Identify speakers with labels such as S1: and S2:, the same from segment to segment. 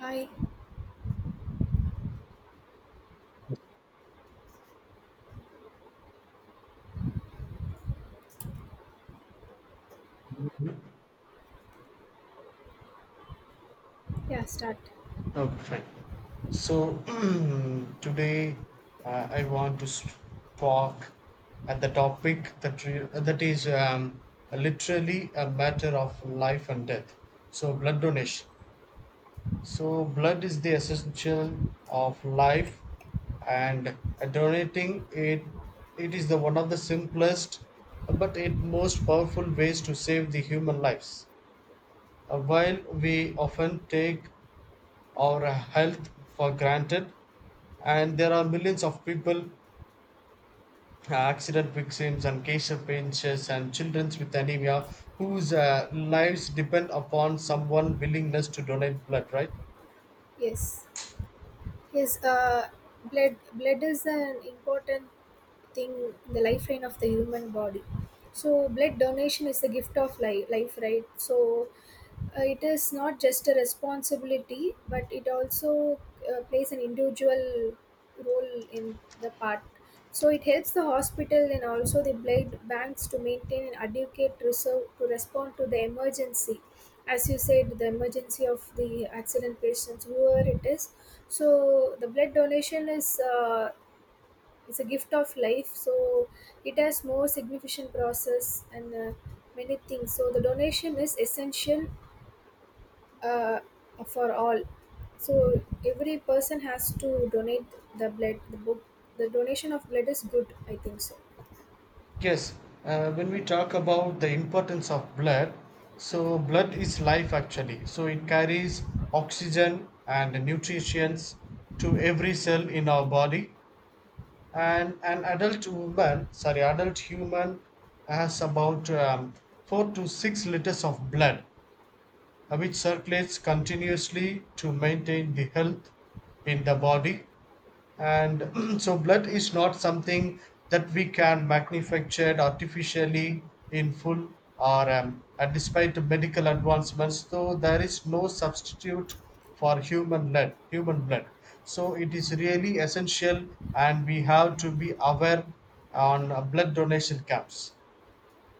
S1: Hi. Yeah, start.
S2: Okay, fine. So today I want to talk at the topic that is literally a matter of life and death. So blood donation. So blood is the essential of life, and donating it is the one of the simplest, but it most powerful ways to save the human lives. While we often take our health for granted, and there are millions of people, accident victims, and cancer patients, and children with anemia whose lives depend upon someone willingness to donate blood, right?
S1: Yes. Yes, blood is an important thing, the lifeline of the human body. So blood donation is the gift of life, right? So it is not just a responsibility, but it also plays an individual role in the part. So it helps the hospital and also the blood banks to maintain an adequate reserve to respond to the emergency, as you said, the emergency of the accident patients, whoever it is. So the blood donation is it's a gift of life. So it has more significant process and many things. So the donation is essential, uh, for all. So every person has to donate the blood. The book, the donation of blood is good, I think so.
S2: Yes, when we talk about the importance of blood, so blood is life actually. So it carries oxygen and nutrients to every cell in our body. And an adult woman sorry adult human has about 4 to 6 liters of blood, which circulates continuously to maintain the health in the body. And so blood is not something that we can manufacture artificially in full or and despite the medical advancements though there is no substitute for human blood, so it is really essential and we have to be aware on blood donation camps.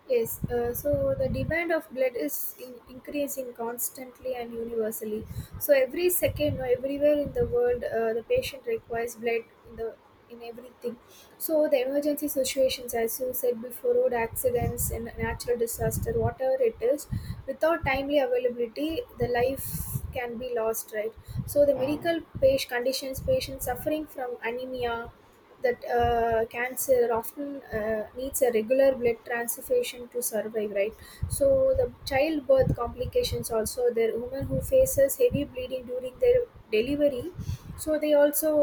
S1: Yes, so the demand of blood is increasing constantly and universally. So every second, or everywhere in the world, the patient requires blood in the in everything. So the emergency situations, as you said before, road accidents and natural disaster, whatever it is, without timely availability, the life can be lost, right? So the
S2: Um,
S1: medical page conditions, patients suffering from anemia, that cancer often needs a regular blood transfusion to survive, right? So the childbirth complications also there, women who faces heavy bleeding during their delivery, so they also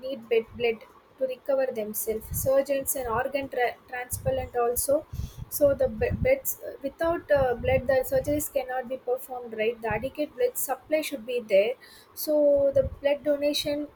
S1: need bed blood to recover themselves, surgeons and organ transplant also. So the beds without blood, the surgeries cannot be performed, right? The adequate blood supply should be there. So the blood donation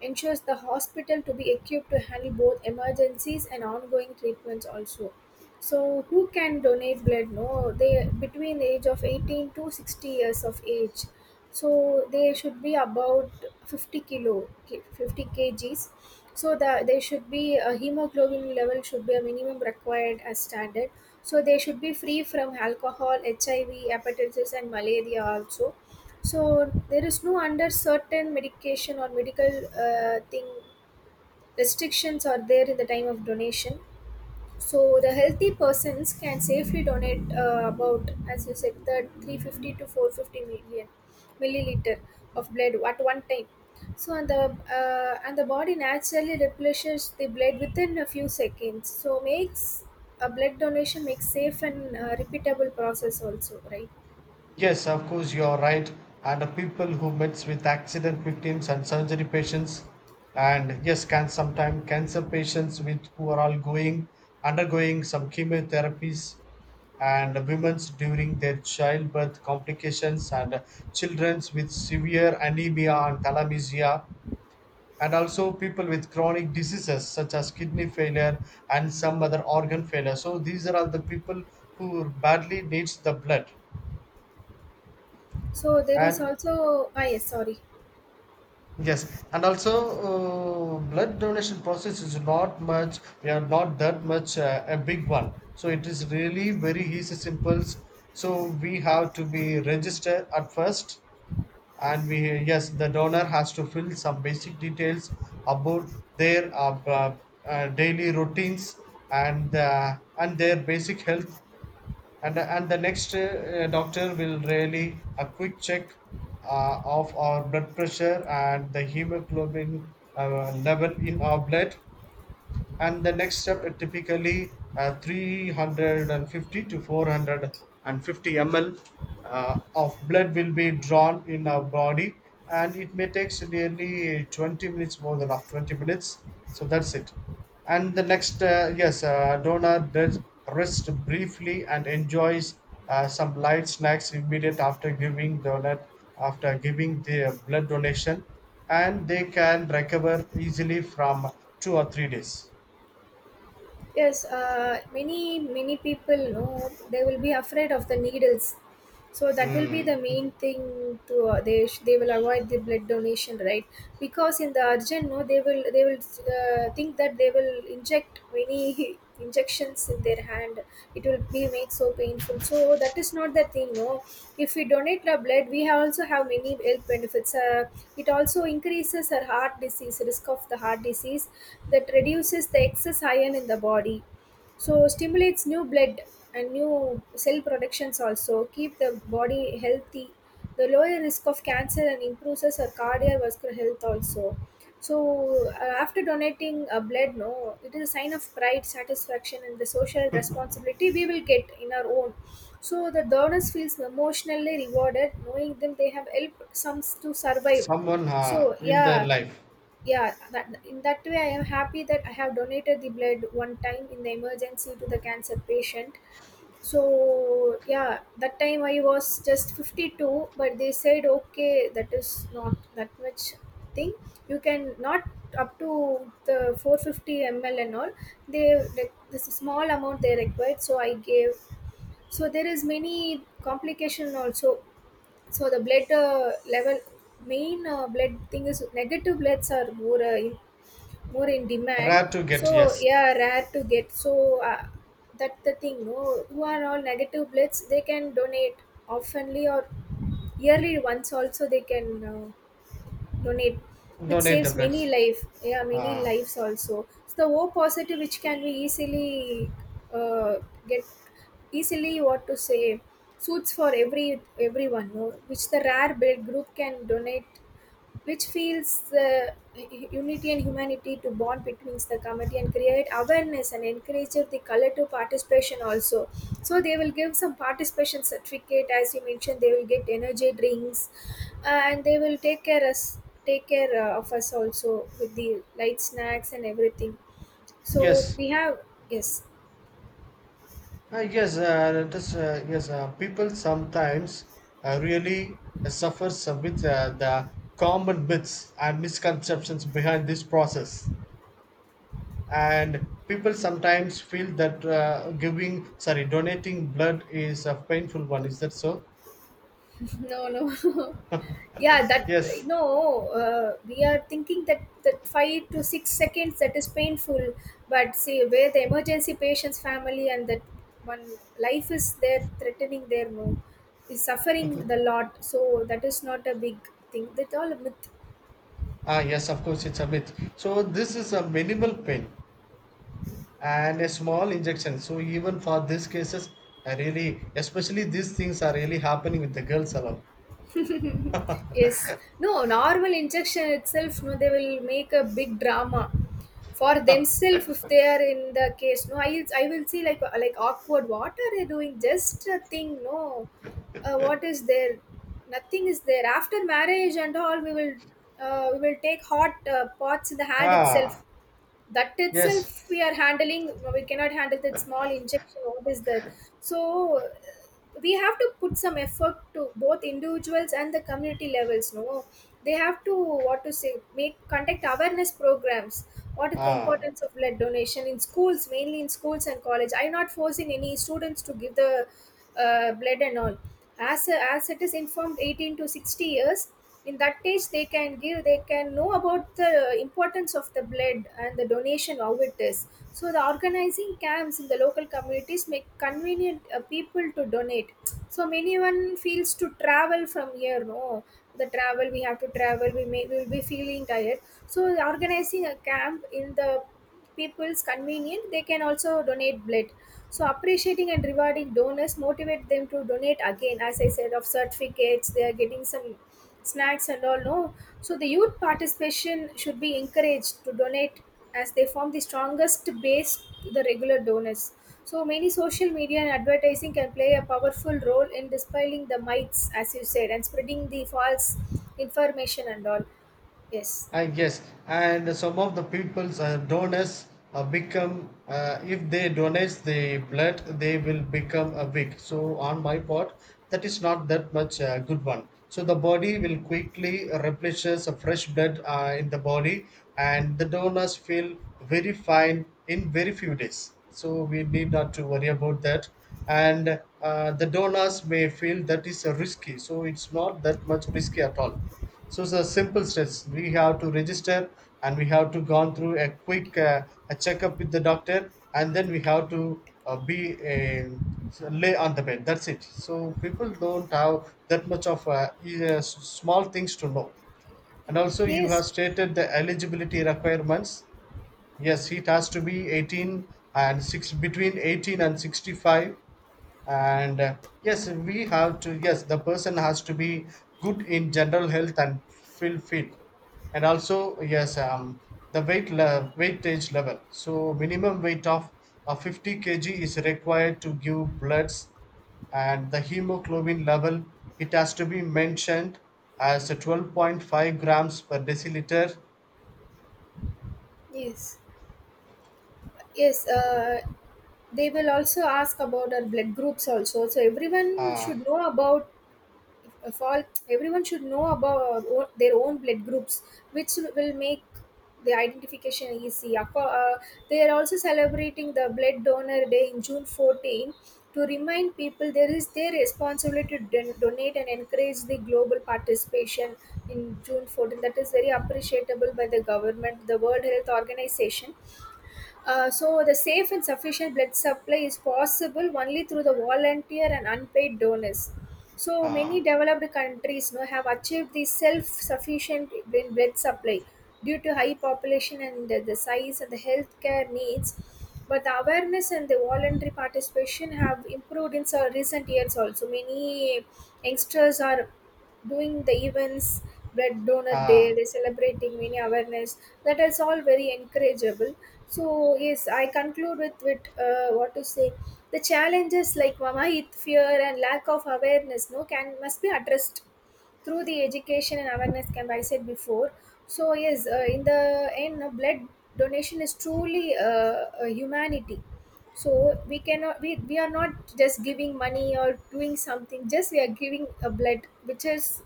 S1: ensures the hospital to be equipped to handle both emergencies and ongoing treatments also. So who can donate blood? No, they between the age of 18 to 60 years of age, so they should be about 50 50 kgs. So the they should be a hemoglobin level should be a minimum required as standard. So they should be free from alcohol, hiv, hepatitis and malaria also. So there is no under certain medication or medical thing restrictions are there in the time of donation. So the healthy persons can safely donate about, as you said, the 350 to 450 million milliliter of blood at one time. So and the body naturally replenishes the blood within a few seconds. So makes a blood donation makes safe and repeatable process also, right?
S2: Yes, of course, you are right. And the people who meets with accident victims and surgery patients, and yes, can sometimes cancer patients with who are all going undergoing some chemotherapies, and women's during their childbirth complications, and children's with severe anemia and thalassemia, and also people with chronic diseases such as kidney failure and some other organ failure. So these are all the people who badly needs the blood.
S1: So there is
S2: And
S1: also, ah, yes, sorry.
S2: yes, and also blood donation process is not much, we are not that much a big one. So it is really very easy, simple. So we have to be registered at first, and we, yes, the donor has to fill some basic details about their daily routines, and their basic health, and the next, doctor will really a quick check of our blood pressure and the hemoglobin level in our blood. And the next step, typically 350 to 450 ml of blood will be drawn in our body, and it may take nearly 20 minutes more than of 20 minutes, so that's it. And the next, yes, donor does rest briefly and enjoys some light snacks immediate after giving the blood donation, and they can recover easily from 2 or 3 days.
S1: Yes, many people know they will be afraid of the needles, so that will be
S2: Hmm.
S1: the main thing to they will avoid the blood donation, right? Because in the urgent, no, they will think that they will inject many injections in their hand, it will be make so painful, so that is not the thing. No, if we donate our blood, we have also have many health benefits. It also increases our heart disease, risk of the heart disease, that reduces the excess iron in the body, so stimulates new blood and new cell productions also, keep the body healthy, the lower risk of cancer and improves our cardiovascular health also. So after donating blood, no, it is a sign of pride, satisfaction and the social responsibility we will get in our own. So the donors feels emotionally rewarded knowing them they have helped some to survive.
S2: Someone
S1: So
S2: in their
S1: yeah,
S2: life.
S1: yeah, that in that way I am happy that I have donated the blood one time in the emergency to the cancer patient. So yeah, that time I was just 52, but they said okay that is not that much thing, you can not up to the 450 ml and all, they like this is small amount they required, so I gave. So there is many complication also. So the blood level, main blood thing is negative bloods are more more in demand.
S2: Rare to get,
S1: So
S2: yes.
S1: yeah, rare to get. So that's the thing. No, who are all negative bloods, they can donate oftenly or yearly once also, they can uh, donate, which
S2: Donate the
S1: saves
S2: blood.
S1: many life, yeah, many
S2: Ah,
S1: lives also. So the o positive which can be easily uh, get easily, what to say, suits for every everyone, no? Which the rare blood group can donate, which feels the unity and humanity to bond between the committee and create awareness and encourage the collective participation also. So they will give some participation certificate, as you mentioned, they will get energy drinks and they will take care us, take care of us also with the light snacks and everything. So
S2: yes.
S1: we have yes.
S2: Ah, yes, people sometimes really suffer some with the common myths and misconceptions behind this process. And people sometimes feel that giving, sorry, donating blood is a painful one. Is that so?
S1: No, no, yeah, that
S2: Yes.
S1: no, we are thinking that that 5 to 6 seconds that is painful, but see where the emergency patient's family and that one life is there threatening their, no, is suffering the lot, so that is not a big thing, that all a myth.
S2: Ah, yes, of course, it's a myth. So this is a minimal pain and a small injection. So even for these cases, I really, especially these things are really happening with the girls alone.
S1: Yes. No, normal injection itself, no, they will make a big drama for themselves if they are in the case. No, I will see like awkward. What are they doing? Just a thing. No, what is there? Nothing is there. After marriage and all, we will take hot pots in the hand
S2: Ah,
S1: itself, that
S2: yes.
S1: itself we are handling, we cannot handle that small injection, what is that? So we have to put some effort to both individuals and the community levels, no, they have to what to say, make conduct awareness programs, what is the
S2: Ah,
S1: importance of blood donation in schools, mainly in schools and college. I'm not forcing any students to give the blood and all, as it is informed 18 to 60 years, in that case they can give, they can know about the importance of the blood and the donation how it is. So the organizing camps in the local communities make convenient people to donate. So many one feels to travel from here, no, the travel we have to travel, we may we will be feeling tired. So organizing a camp in the people's convenient, they can also donate blood. So appreciating and rewarding donors motivate them to donate again. As I said, of certificates, they are getting some snacks and all. No, so the youth participation should be encouraged to donate, as they form the strongest base to the regular donors. So many social media and advertising can play a powerful role in dispelling the myths, as you said, and spreading the false information and all. Yes.
S2: I yes, and some of the people's donors become if they donate the blood, they will become a weak. So on my part, that is not that much good one. So the body will quickly replenishes a fresh blood in the body, and the donors feel very fine in very few days. So we need not to worry about that. And the donors may feel that is risky. So it's not that much risky at all. So it's a simple steps. We have to register and we have to gone through a quick, a checkup with the doctor, and then we have to be a lay on the bed. That's it. So people don't have that much of small things to know. And also you
S1: Yes.
S2: have stated the eligibility requirements. Yes, it has to be 18 and 6 between 18 and 65, and, yes, we have to, yes, the person has to be good in general health and feel fit, and also yes, the weightage level, so minimum weight of 50 kg is required to give bloods, and the hemoglobin level, it has to be mentioned as 12.5 grams per deciliter.
S1: Yes. Yes, they will also ask about our blood groups also. So everyone
S2: uh,
S1: should know about of all. Everyone should know about their own blood groups, which will make the identification easy. They are also celebrating the Blood Donor Day in June 14th to remind people there is their responsibility to donate and encourage the global participation in June 14th. That is very appreciable by the government, the World Health Organization. So, the safe and sufficient blood supply is possible only through the volunteer and unpaid donors. So
S2: uh,
S1: many developed countries now have achieved the self-sufficient in bread supply due to high population and the size and the healthcare needs. But the awareness and the voluntary participation have improved in recent years also. Many youngsters are doing the events, blood donor
S2: uh,
S1: day, they're celebrating many awareness. That is all very encourageable. So yes, I conclude with what to say. The challenges like Wahit fear and lack of awareness, no, can must be addressed through the education and awareness camp I said before. So yes, in the end, no, blood donation is truly a humanity. So we cannot we are not just giving money or doing something. Just we are giving a blood which is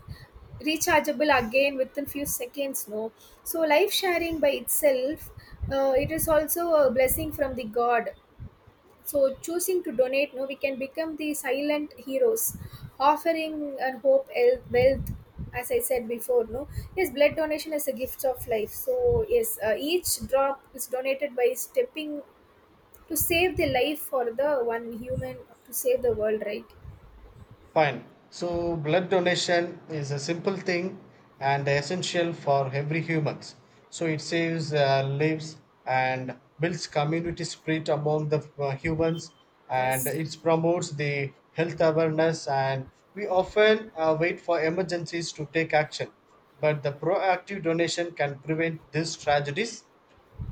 S1: rechargeable again within few seconds, no, so life sharing by itself, it is also a blessing from the god. So, choosing to donate, no, we can become the silent heroes, offering and hope, wealth. As I said before, no, yes, blood donation is a gift of life. So yes, each drop is donated by stepping to save the life for the one human to save the world, right?
S2: Fine. So blood donation is a simple thing and essential for every humans. So it saves lives and builds community spirit among the humans, and
S1: Yes,
S2: it promotes the health awareness, and we often wait for emergencies to take action, but the proactive donation can prevent these tragedies.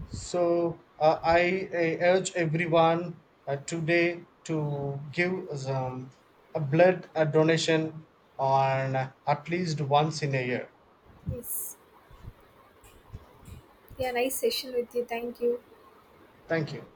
S2: So I urge everyone today to give um, a blood donation on at least once in a year.
S1: yes. Yeah, nice session with you. Thank you.
S2: Thank you.